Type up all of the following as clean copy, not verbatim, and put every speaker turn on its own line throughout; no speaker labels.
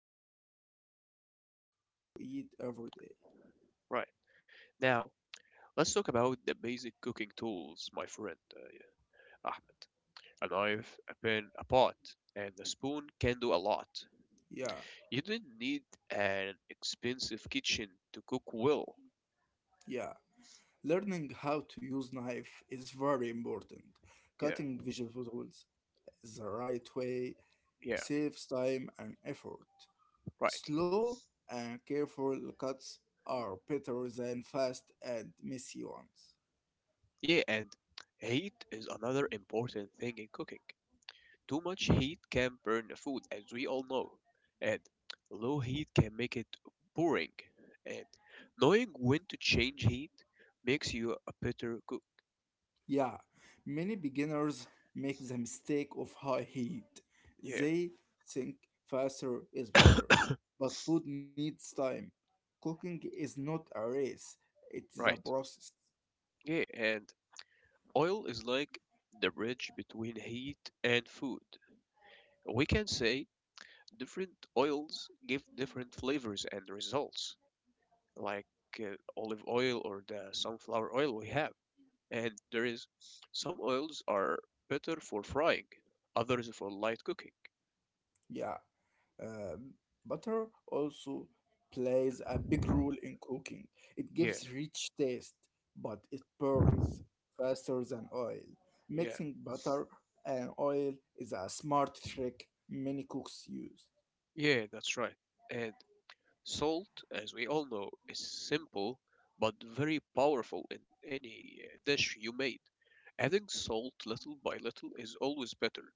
connected uh, to what you eat every day.
right. Now let's talk about the basic cooking tools, my friend, Ahmed. A knife, a pen, a pot, and a spoon can do a lot.
Yeah,
You don't need an expensive kitchen to cook well.
yeah. Learning how to use knife is very important.
Yeah,
Cutting vegetables the right way
yeah,
saves time and effort.
right.
Slow and careful cuts are better than fast and messy ones.
Yeah, and heat is another important thing in cooking. Too much heat can burn the food, as we all know, and low heat can make it boring. And knowing when to change heat makes you a better cook.
Yeah, many beginners make the mistake of high heat.
Yeah,
They think faster is better, but food needs time. Cooking is not a race, it is a
right.
process.
Yeah, and oil is like the bridge between heat and food. We can say different oils give different flavors and results, like olive oil or the sunflower oil we have. And there is some oils are better for frying, others for light cooking.
Yeah. Um, Butter also plays a big role in cooking. It
Yeah,
gives rich taste, but it burns faster than oil.
yeah,
Mixing butter and oil is a smart trick many cooks use.
yeah, that's right. And salt, as we all know, is simple but very powerful in any dish you made. Adding salt little by little is always better.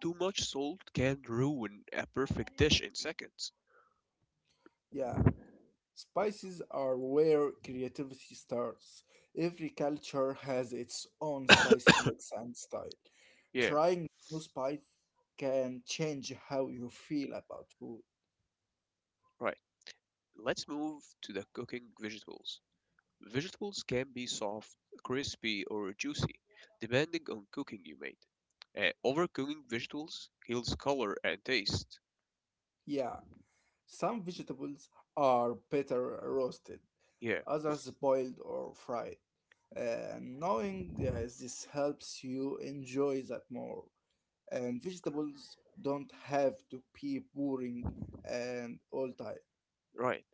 Too much salt can ruin a perfect dish in seconds.
Yeah, spices are where creativity starts. Every culture has its own spicy mix and style.
Yeah,
Trying new spice can change how you feel about food.
right. Let's move to the cooking vegetables. Vegetables can be soft, crispy, or juicy, depending on cooking you made. Overcooking vegetables kills color and taste.
Yeah. Some vegetables are better roasted,
Yeah,
others boiled or fried. Knowing this helps you enjoy that more. And vegetables don't have to be boring and all time.
right.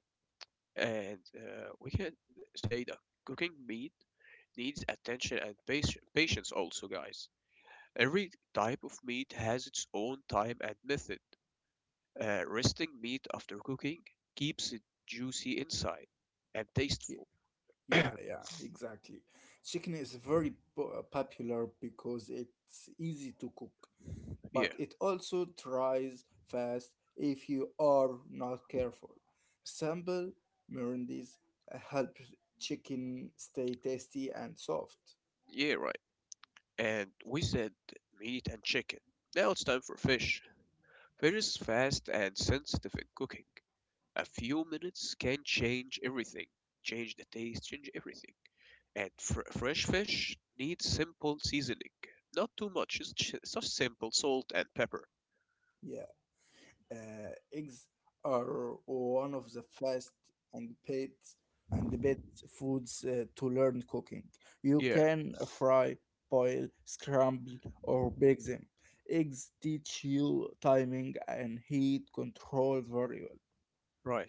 And we can say that cooking meat needs attention and patience, also, guys. Every type of meat has its own time and method. Resting meat after cooking keeps it juicy inside and
Y-
tasteful.
Yeah, yeah, exactly. Chicken is very popular because it's easy to cook,
Yeah,
but it also dries fast if you are not careful. Sample marinades help chicken stay tasty and soft.
yeah, right. And we said meat and chicken. Now it's time for fish. Fish is fast and sensitive in cooking. A few minutes can change everything, change the taste, change everything. And fresh fish needs simple seasoning, not too much, just simple salt and pepper.
Yeah. Eggs are one of the first and best and the best foods to learn cooking. You
Yeah,
can fry, boil, scramble, or bake them. Eggs teach you timing and heat control very well.
right.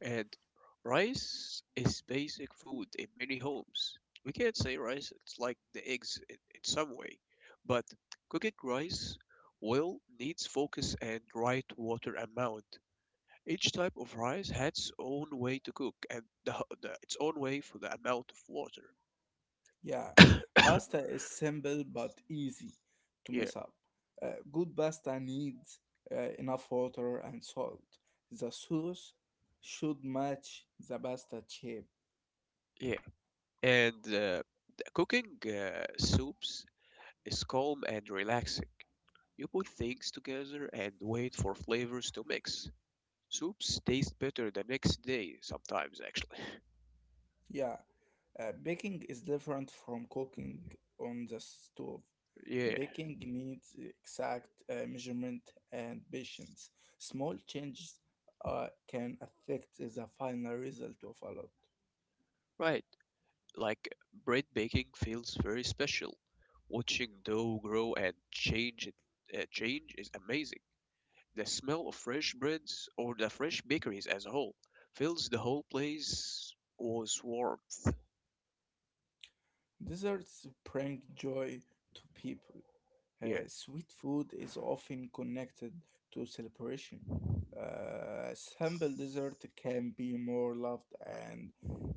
And rice is basic food in many homes. We can't say rice, it's like the eggs in some way. But cooking rice well needs focus and right water amount. Each type of rice had its own way to cook and the its own way for the amount of water.
Yeah, pasta is simple but easy to
Yeah,
mess up. Good pasta needs enough water and salt. The sauce should match the pasta shape.
yeah. And the cooking soups is calm and relaxing. You put things together and wait for flavors to mix. Soups taste better the next day sometimes, actually.
Yeah, baking is different from cooking on the stove.
Yeah,
Baking needs exact measurement and patience. Small changes can affect the final result of a lot.
right. Like bread baking feels very special. Watching dough grow and change change is amazing. The smell of fresh breads or the fresh bakeries as a whole fills the whole place with warmth.
Desserts bring joy to people.
Yeah,
Sweet food is often connected to celebration. Simple dessert can be more loved and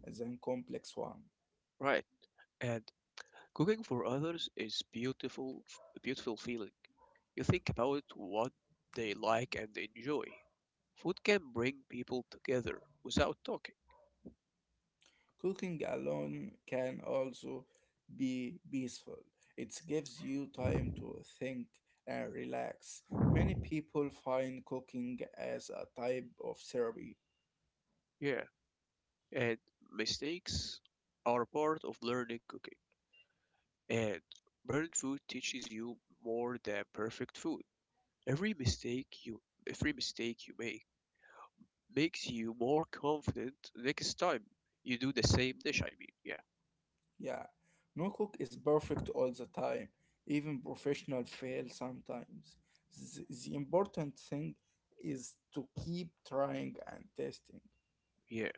than complex one.
right. And cooking for others is beautiful, a beautiful feeling. You think about what they like and enjoy. Food can bring people together without talking.
Cooking alone can also be peaceful. It gives you time to think and relax. Many people find cooking as a type of therapy.
Yeah, and mistakes are part of learning cooking. And burnt food teaches you more than perfect food. Every mistake you every mistake you make makes you more confident next time you do the same dish. I mean, yeah,
Yeah, no cook is perfect all the time. Even professional fail sometimes. The important thing is to keep trying and testing.
yeah.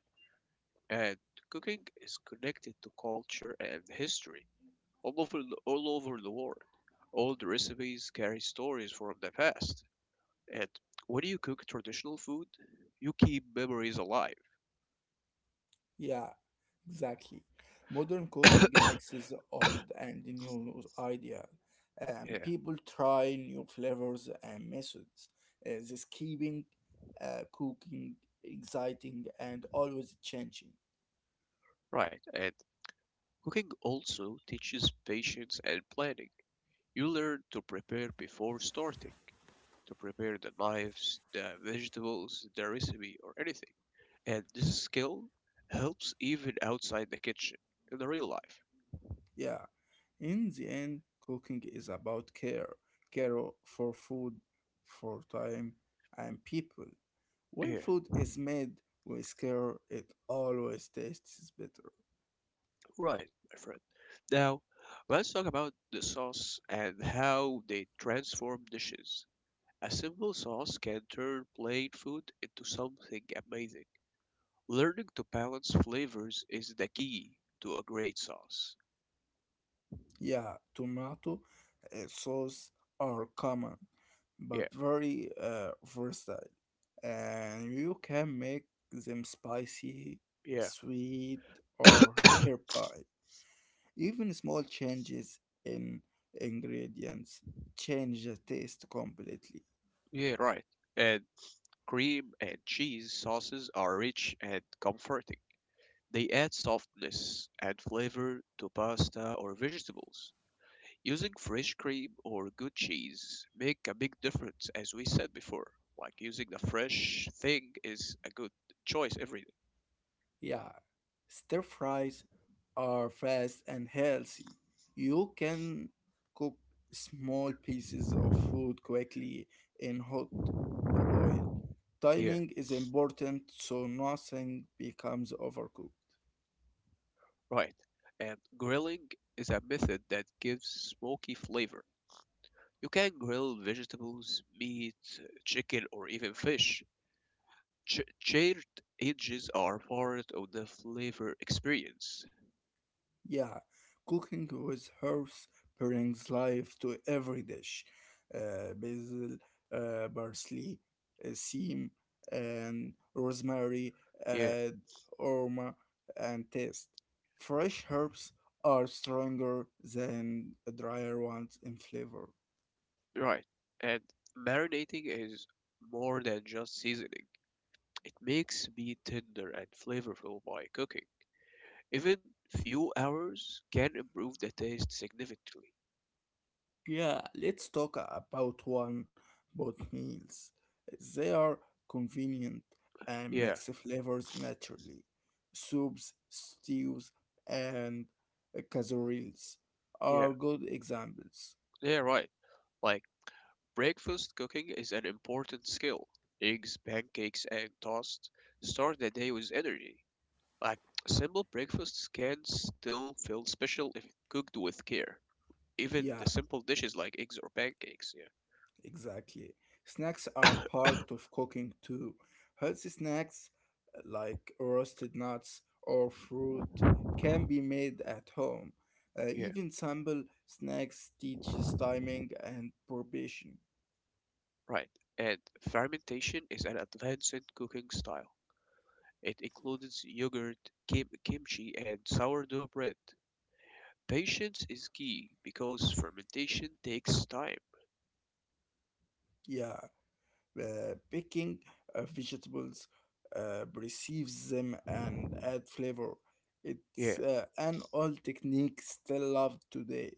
And cooking is connected to culture and history all over the world. Old recipes carry stories from the past, and when you cook traditional food, you keep memories alive.
Yeah, exactly. Modern cooking mixes the old and the new idea.
Yeah,
People try new flavors and methods. This keeping cooking exciting and always changing.
right. And cooking also teaches patience and planning. You learn to prepare before starting to prepare the knives, the vegetables, the recipe, or anything. And this skill helps even outside the kitchen in the real life.
Yeah. In the end, cooking is about care. Care for food, for time, and people. When
Yeah,
food is made with care, it always tastes better.
right, my friend. Now, let's talk about the sauce and how they transform dishes. A simple sauce can turn plain food into something amazing. Learning to balance flavors is the key to a great sauce.
Yeah, tomato sauce are common but
Yeah,
very versatile, and you can make them spicy,
yeah,
sweet, or herby. Even small changes in ingredients change the taste completely.
yeah, right. And cream and cheese sauces are rich and comforting. They add softness and flavor to pasta or vegetables. Using fresh cream or good cheese make a big difference as we said before. Like using the fresh thing is a good choice every day.
Yeah, stir fries are fast and healthy. You can cook small pieces of food quickly in hot oil.
Here,
Timing is important so nothing becomes overcooked.
right. And grilling is a method that gives smoky flavor. You can grill vegetables, meat, chicken, or even fish. Ch Chaired edges are part of the flavor experience.
Yeah, cooking with herbs brings life to every dish. Basil, parsley, thyme, and rosemary
Yeah,
add aroma and taste. Fresh herbs are stronger than drier ones in flavor.
right. And marinating is more than just seasoning. It makes meat tender and flavorful by cooking. Even few hours can improve the taste significantly.
Yeah, let's talk about one boat meals. They are convenient and
Yeah,
mix flavors naturally. Soups, stews, and casseroles
yeah,
are good examples.
yeah, right. Like breakfast cooking is an important skill. Eggs, pancakes, and toast start the day with energy. Like simple breakfasts can still feel special if cooked with care. Even the
Yeah,
simple dishes like eggs or pancakes.
exactly. Snacks are part of cooking too. Healthy snacks like roasted nuts or fruit can be made at home.
Yeah. Yeah,
Even simple snacks teaches timing and probation.
right. And fermentation is an advanced cooking style. It includes yogurt, kimchi, and sourdough bread. Patience is key because fermentation takes time.
Yeah. Picking vegetables, receives them, and add flavor. It's
Yeah,
an old technique still loved today.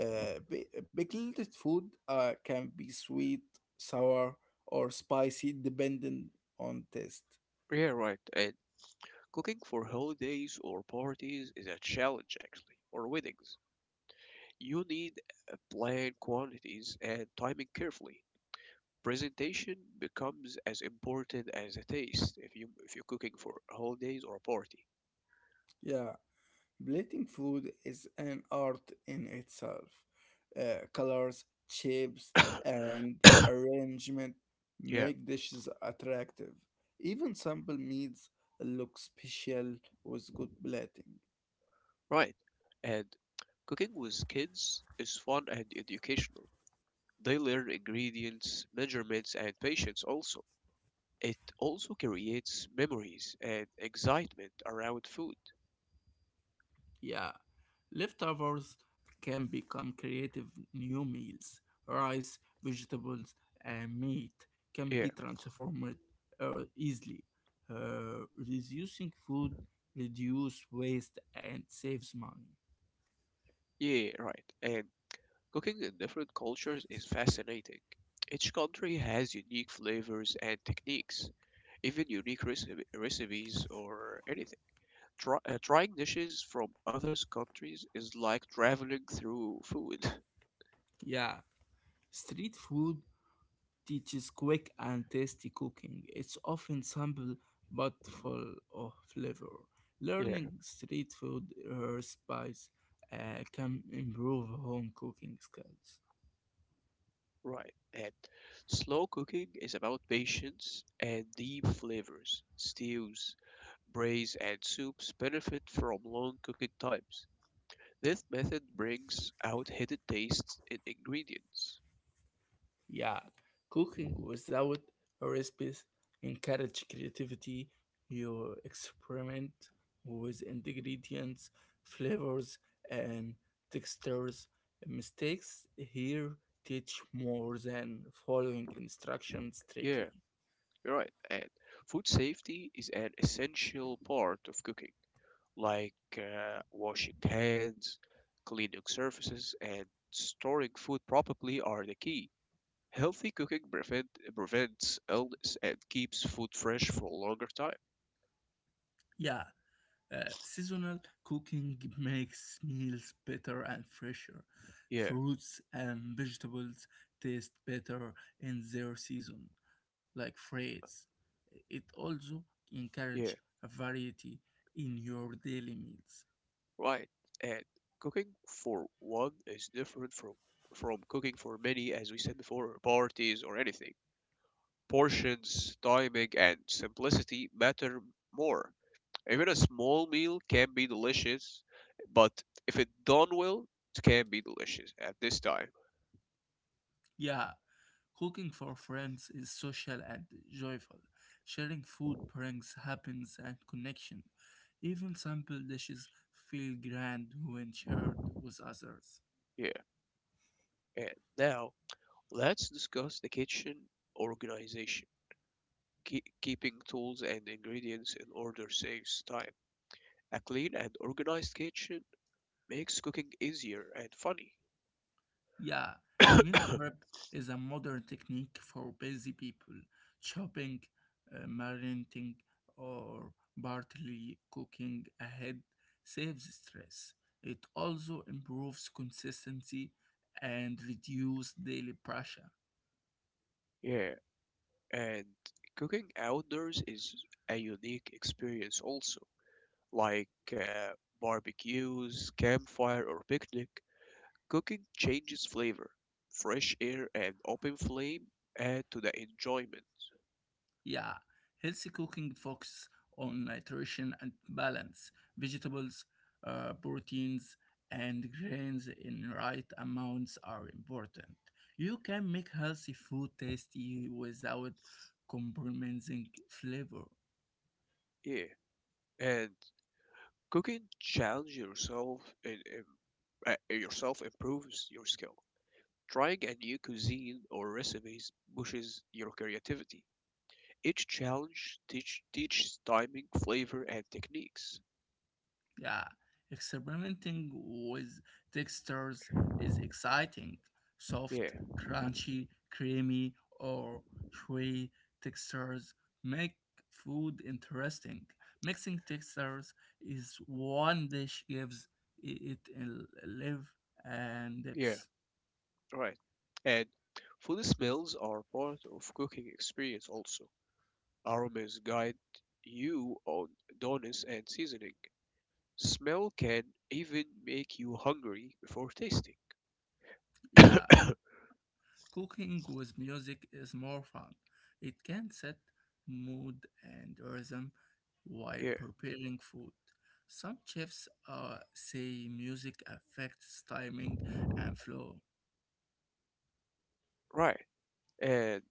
Pickled food can be sweet, sour, or spicy, depending on taste.
yeah, right. And cooking for holidays or parties is a challenge, actually, or weddings. You need plan quantities and timing carefully. Presentation becomes as important as the taste if you're cooking for holidays or a party.
Yeah. Plating food is an art in itself. Colors, shapes, and arrangement
Yeah.
make dishes attractive. Even simple meals look special with good plating.
Right. And cooking with kids is fun and educational. They learn ingredients, measurements, and patience also. It also creates memories and excitement around food.
Yeah, leftovers can become creative new meals. Rice, vegetables, and meat can be
Yeah.
transformed easily, reducing food, reduce waste, and saves money.
Yeah, right. And cooking in different cultures is fascinating. Each country has unique flavors and techniques, even unique recipes or anything. Trying dishes from other countries is like traveling through food.
Yeah, street food teaches quick and tasty cooking. It's often simple but full of flavor.
Yeah,
Learning street food recipes can improve home cooking skills.
right. And slow cooking is about patience and deep flavors. Stews, braise, and soups benefit from long cooking times. This method brings out hidden tastes in ingredients.
Yeah, cooking without recipes encourage creativity. You experiment with ingredients, flavors, and textures. Mistakes here teach more than following instructions
Yeah.
strictly.
You're right. And food safety is an essential part of cooking, like washing hands, cleaning surfaces, and storing food properly are the key. Healthy cooking prevents illness and keeps food fresh for a longer time.
Yeah. Seasonal cooking makes meals better and fresher.
Yeah,
Fruits and vegetables taste better in their season, like phrase. It also encourages
yeah,
variety in your daily meals.
right. And cooking for one is different from cooking for many, as we said before, or parties or anything. Portions, timing, and simplicity matter more. Even a small meal can be delicious, but if it done well, it can be delicious at this time.
Yeah, cooking for friends is social and joyful. Sharing food brings happiness and connection. Even simple dishes feel grand when shared with others.
Yeah. And now let's discuss the kitchen organization. Keeping tools and ingredients in order saves time. A clean and organized kitchen makes cooking easier and funny.
Yeah, meal prep is a modern technique for busy people, chopping, marinating, or partly cooking ahead saves stress. It also improves consistency and reduces daily pressure.
Yeah, and cooking outdoors is a unique experience also. Like barbecues, campfire, or picnic, cooking changes flavor. Fresh air and open flame add to the enjoyment.
Yeah, healthy cooking focuses on nutrition and balance. Vegetables, proteins, and grains in right amounts are important. You can make healthy food tasty without compromising flavor.
Yeah, and cooking challenge yourself and yourself improves your skill. Trying a new cuisine or recipes pushes your creativity. Each challenge teach teaches timing, flavor, and techniques.
Yeah, experimenting with textures is exciting.
Yeah,
Soft, crunchy, creamy, or chewy textures make food interesting. Mixing textures is one dish gives it a live and
yeah,
depth.
right. And food smells are part of cooking experience also. Aromas guide you on doneness and seasoning. Smell can even make you hungry before tasting.
Yeah. Cooking with music is more fun. It can set mood and rhythm while
Yeah,
preparing food. Some chefs say music affects timing and flow.
right. And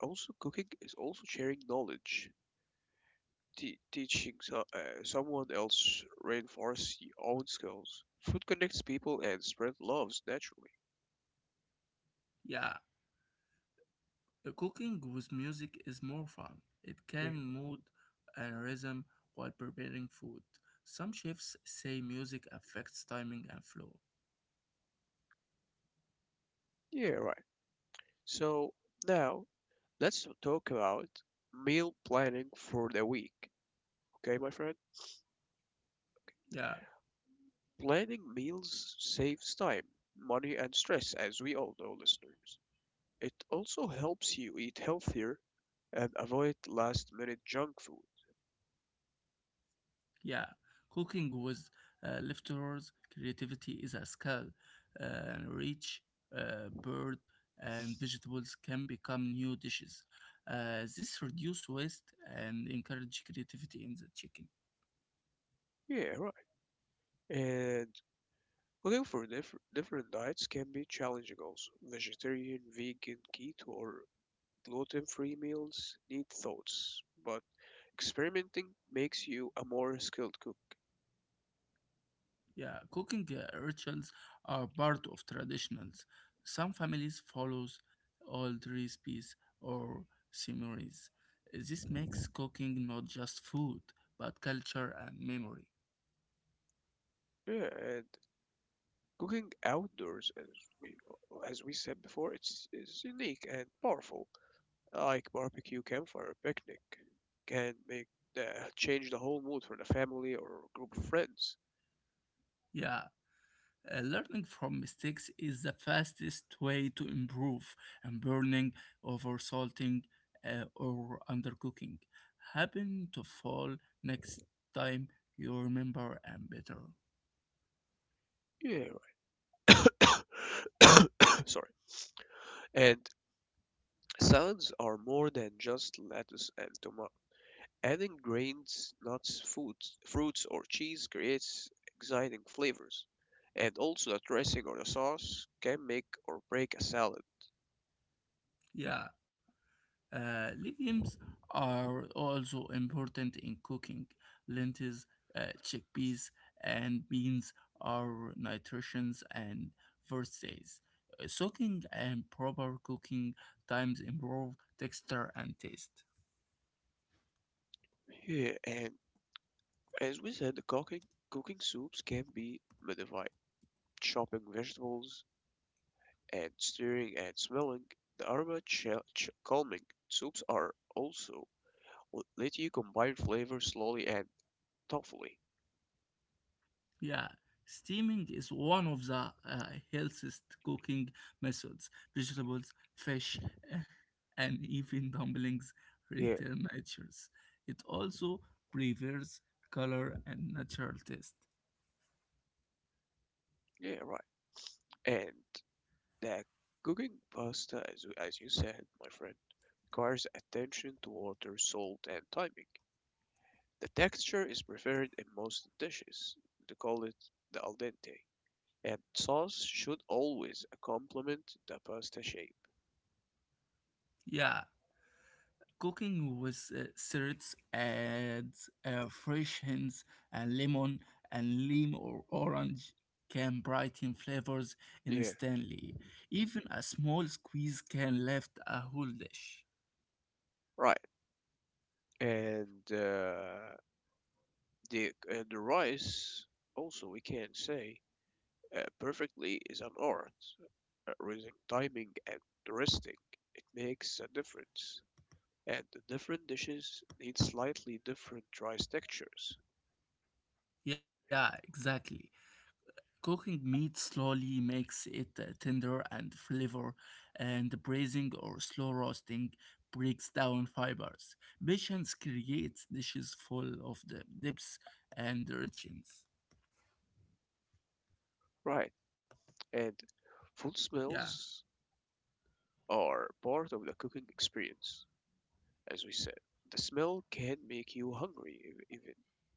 also, cooking is also sharing knowledge, teaching someone else reinforce your own skills. Food connects people and spread loves naturally.
Yeah, cooking with music is more fun. It
Yeah,
can mood and rhythm while preparing food. Some chefs say music affects timing and flow.
yeah, right. So now let's talk about meal planning for the week. Okay, my friend.
Yeah,
Planning meals saves time, money, and stress, as we all know, listeners. It also helps you eat healthier and avoid last minute junk food.
Yeah, cooking with leftovers creativity is a skill. Rich bird and vegetables can become new dishes. This reduce waste and encourage creativity in the chicken.
Yeah, right. And looking for different diets can be challenging also. Vegetarian, vegan, keto, or gluten free meals need thoughts, but experimenting makes you a more skilled cook.
Yeah, cooking rituals are part of traditionals. Some families follows old recipes or similes. This makes cooking not just food but culture and memory.
Yeah, and cooking outdoors, we, as we said before, it's unique and powerful. Like barbecue, campfire, picnic can make the, change the whole mood for the family or group of friends.
Yeah. Learning from mistakes is the fastest way to improve, and burning, oversalting, or undercooking. Happen to fall next time you remember and better.
Yeah. Sorry. And salads are more than just lettuce and tomato. Adding grains, nuts, foods, fruits, or cheese creates exciting flavors. And also the dressing or the sauce can make or break a salad.
Yeah. Legumes are also important in cooking. Lentils, chickpeas, and beans are nutritious and versatile. Soaking and proper cooking times improve texture and taste.
Yeah, and as we said, the cooking soups can be modified. Chopping vegetables and stirring and smelling the calming. Soups are also let you combine flavors slowly and thoughtfully.
Yeah, steaming is one of the healthiest cooking methods. Vegetables, fish, eh, and even dumplings
Yeah,
return natures. It also preserves color and natural taste.
yeah, right. And the cooking pasta, as you said, my friend, requires attention to water, salt, and timing. The texture is preferred in most dishes. They call it the al dente. And sauce should always complement the pasta shape.
Yeah, cooking with syrups adds fresh hints and lemon and lime or orange can brighten flavors
Yeah,
instantly. Even a small squeeze can lift a whole dish.
right. And the rice also we can say perfectly is an art. Raising timing and resting, it makes a difference. And the different dishes need slightly different rice textures.
Yeah, exactly. Cooking meat slowly makes it tender and flavor, and braising or slow roasting breaks down fibers. Patience creates dishes full of the depths and richness.
Right, and food
Yeah,
smells are part of the cooking experience, as we said. The smell can make you hungry, even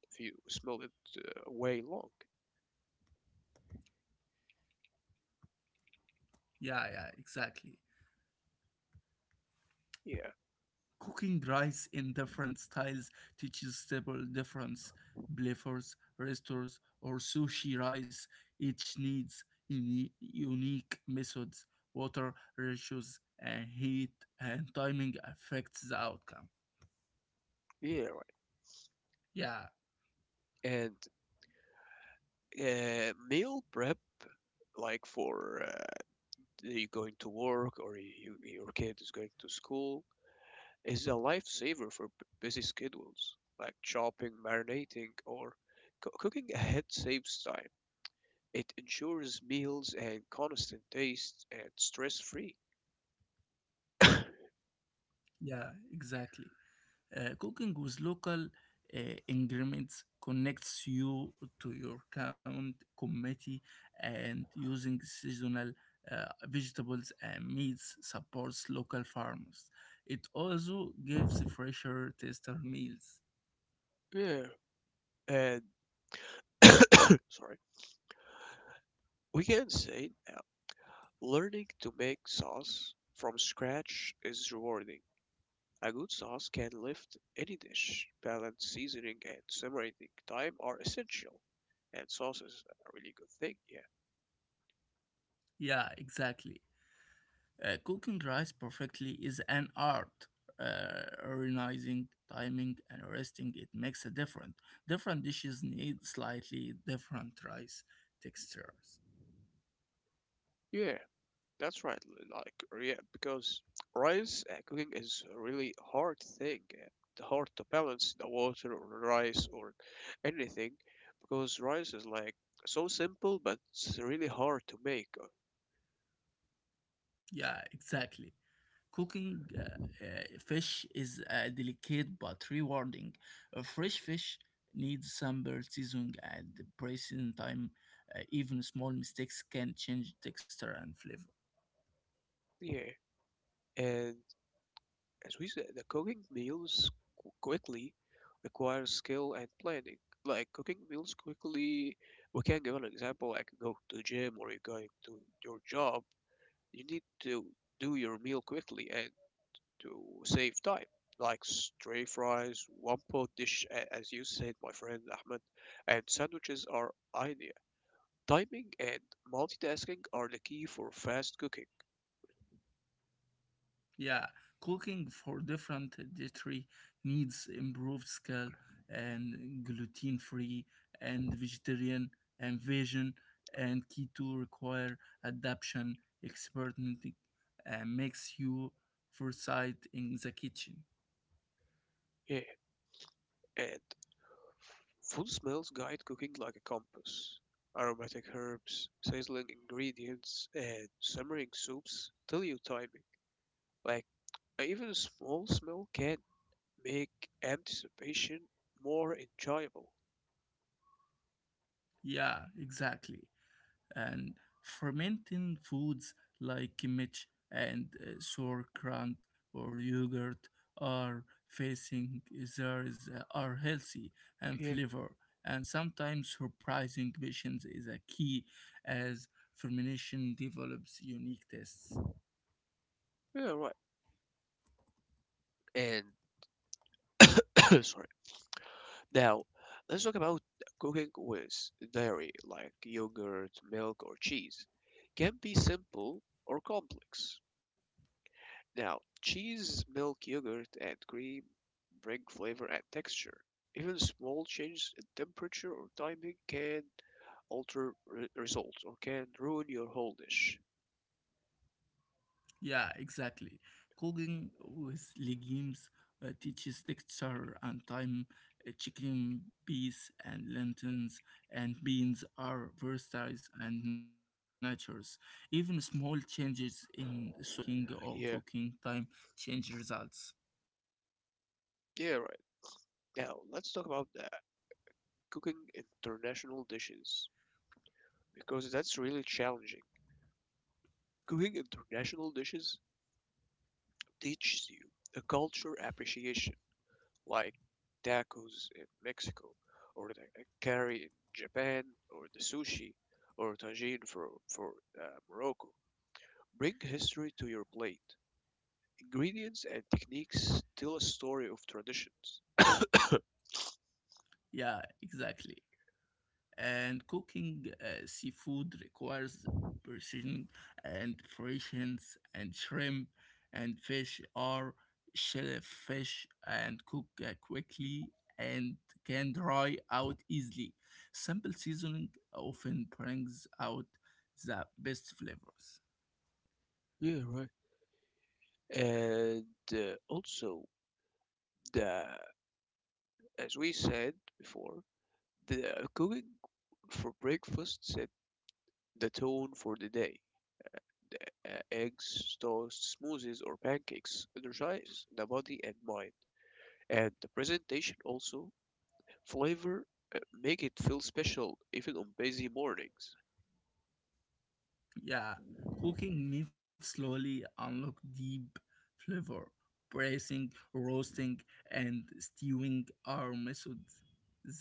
if you smell it way long.
yeah, yeah, exactly.
Yeah,
Cooking rice in different styles teaches several difference. Blefors, restores, or sushi rice each needs unique methods. Water, ratios, and heat and timing affects the outcome.
yeah, right.
Yeah,
And meal prep, like for you going to work or you, your kid is going to school, is a lifesaver for busy schedules, like chopping, marinating, or cooking ahead saves time. It ensures meals and constant taste and stress free.
yeah, exactly. Cooking with local uh, ingredients connects you to your current committee, and using seasonal vegetables and meats supports local farmers. It also gives fresher, taster meals.
Yeah, and sorry. We can say now, learning to make sauce from scratch is rewarding. A good sauce can lift any dish. Balance seasoning and simmering time are essential, and sauce is a really good thing. Yeah.
Yeah, exactly. Cooking rice perfectly is an art. Organizing, timing, and resting it makes a difference. Different dishes need slightly different rice textures.
Yeah. That's right. Like, yeah, because rice cooking is a really hard thing. The hard to balance the water or rice or anything, because rice is like so simple, but it's really hard to make.
Yeah, exactly. Cooking fish is delicate but rewarding. A fresh fish needs sambar, seasoning, and pressing time. Even small mistakes can change texture and flavor.
Yeah, and as we said, the cooking meals quickly requires skill and planning. Like cooking meals quickly, we can give an example. Like go to gym or you're going to your job. You need to do your meal quickly and to save time, like stray fries, one pot dish, as you said, my friend Ahmed, and sandwiches are ideal. Timing and multitasking are the key for fast cooking.
Yeah, cooking for different dietary needs improved skill and gluten free and vegetarian and vegan and keto require adaptation, experimenting, and makes you foresight in the kitchen.
Yeah, and food smells guide cooking like a compass. Aromatic herbs, sizzling ingredients, and simmering soups tell you timing. Like, even a small smell can make anticipation more enjoyable.
Yeah, exactly. And fermenting foods like kimchi and sauerkraut or yogurt are facing there is are healthy and
Yeah,
flavor and sometimes surprising patience is a key as fermentation develops unique tastes.
yeah, right. And, sorry. Now, let's talk about cooking with dairy, like yogurt, milk, or cheese. Can be simple or complex. Now, cheese, milk, yogurt, and cream bring flavor and texture. Even small changes in temperature or timing can alter results or can ruin your whole dish.
Yeah, exactly. Cooking with legumes teaches texture and time. Chicken, peas, and lentils and beans are versatile and natures. Even small changes in soaking or cooking
Yeah,
time change results.
yeah, right. Now, let's talk about the cooking international dishes because that's really challenging. Cooking international dishes teaches you a culture appreciation, like tacos in Mexico, or the curry in Japan, or the sushi, or tagine for Morocco. Bring history to your plate. Ingredients and techniques tell a story of traditions.
Yeah, exactly. And cooking seafood requires precision and fractions and shrimp and fish are shellfish and cook quickly and can dry out easily. Simple seasoning often brings out the best flavors.
Yeah, right. And also, the as we said before, the cooking for breakfast set the tone for the day. Uh, eggs, toast, smoothies, or pancakes energize the body and mind. And the presentation also flavor make it feel special even on busy mornings.
Yeah, cooking meat slowly unlock deep flavor. Braising, roasting, and stewing are methods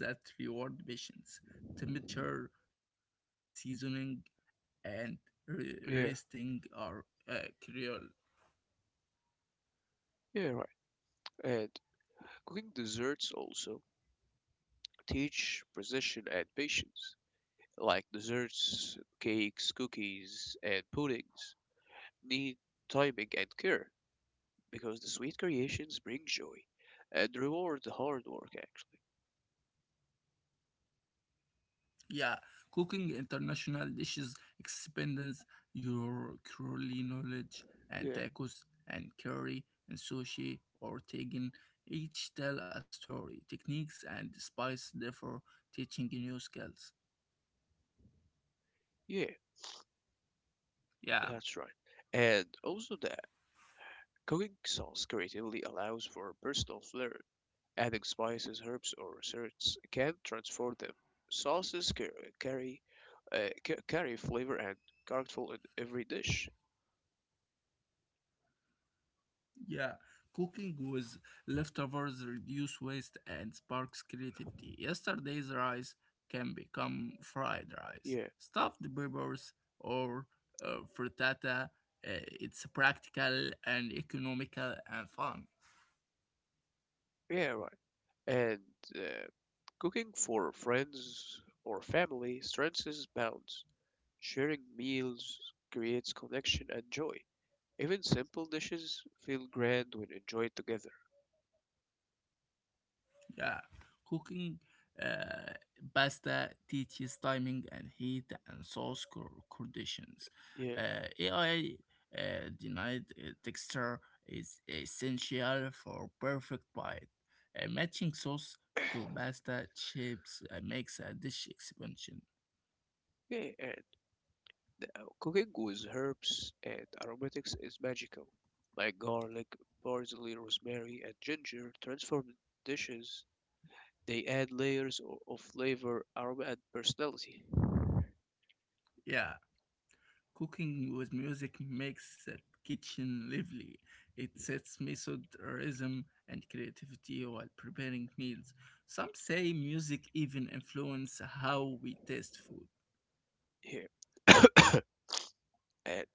that reward patience. Temperature, seasoning, and
Yeah,
resting are crucial.
yeah, right. And cooking desserts also teach precision and patience. Like desserts, cakes, cookies, and puddings need timing and care because the sweet creations bring joy and reward the hard work actually.
Yeah, cooking international dishes expands your culinary knowledge, and
Yeah.
tacos and curry and sushi or tagging each tell a story. Techniques and spice therefore, teaching new skills.
Yeah.
Yeah.
That's right. And also that cooking sauce creatively allows for a personal flair. Adding spices, herbs, or desserts can transform them. Sauces carry carry flavor and character in every dish.
Yeah, cooking with leftovers reduce waste and sparks creativity. Yesterday's rice can become fried rice,
Yeah,
stuffed peppers, or frittata. It's practical and economical and fun.
yeah, right. And uh, cooking for friends or family strengthens bonds. Sharing meals creates connection and joy. Even simple dishes feel grand when enjoyed together.
Yeah, cooking uh, pasta teaches timing and heat and sauce conditions.
Yeah.
AI denied texture is essential for perfect bite. Matching sauce to pasta shapes makes a dish expansion.
Yeah, and cooking with herbs and aromatics is magical. Like garlic, parsley, rosemary, and ginger, transformed dishes, they add layers of flavor, aroma, and personality.
Yeah. Cooking with music makes the kitchen lively. It sets method, rhythm, and creativity while preparing meals. Some say music even influences how we taste food.
Here, and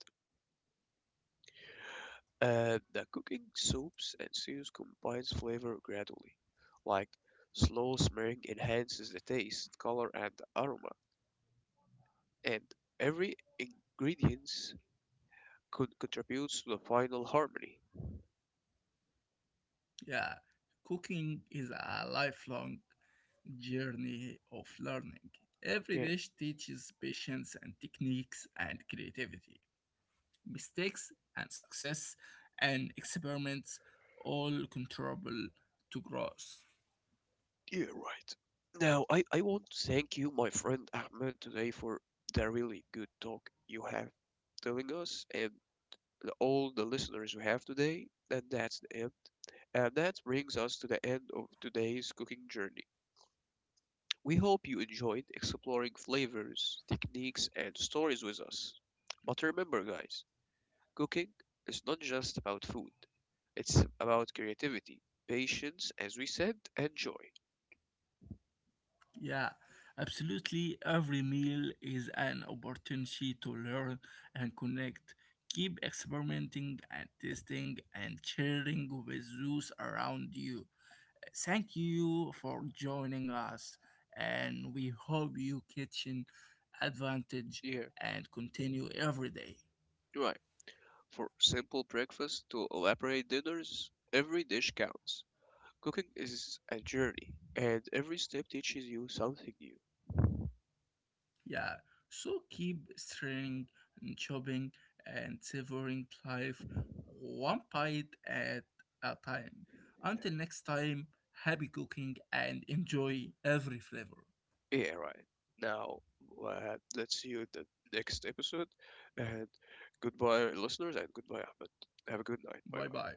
the cooking soups and stews combines flavor gradually, like slow simmering enhances the taste, color, and aroma, and every ingredient contributes to the final harmony.
Yeah, cooking is a lifelong journey of learning. Every
Yeah.
dish teaches patience and techniques and creativity. Mistakes and success and experiments all contribute to growth.
Yeah, right. Now, I want to thank you, my friend Ahmed, today for the really good talk you have telling us and the, all the listeners we have today. And that's the end. And that brings us to the end of today's cooking journey. We hope you enjoyed exploring flavors, techniques, and stories with us. But remember, guys, cooking is not just about food, it's about creativity, patience, as we said, and joy.
Yeah, absolutely. Every meal is an opportunity to learn and connect. Keep experimenting and testing and sharing with those around you. Thank you for joining us, and we hope you kitchen advantage
Yeah,
and continue every day.
right. For simple breakfasts to elaborate dinners, every dish counts. Cooking is a journey, and every step teaches you something new.
Yeah, so keep stirring and chopping and savoring life one bite at a time. Until next time, happy cooking and enjoy every flavor.
Yeah, right. Now, let's see you in the next episode. And goodbye, listeners, and goodbye, Ahmed. Have a good night. Bye
Bye
bye.
bye.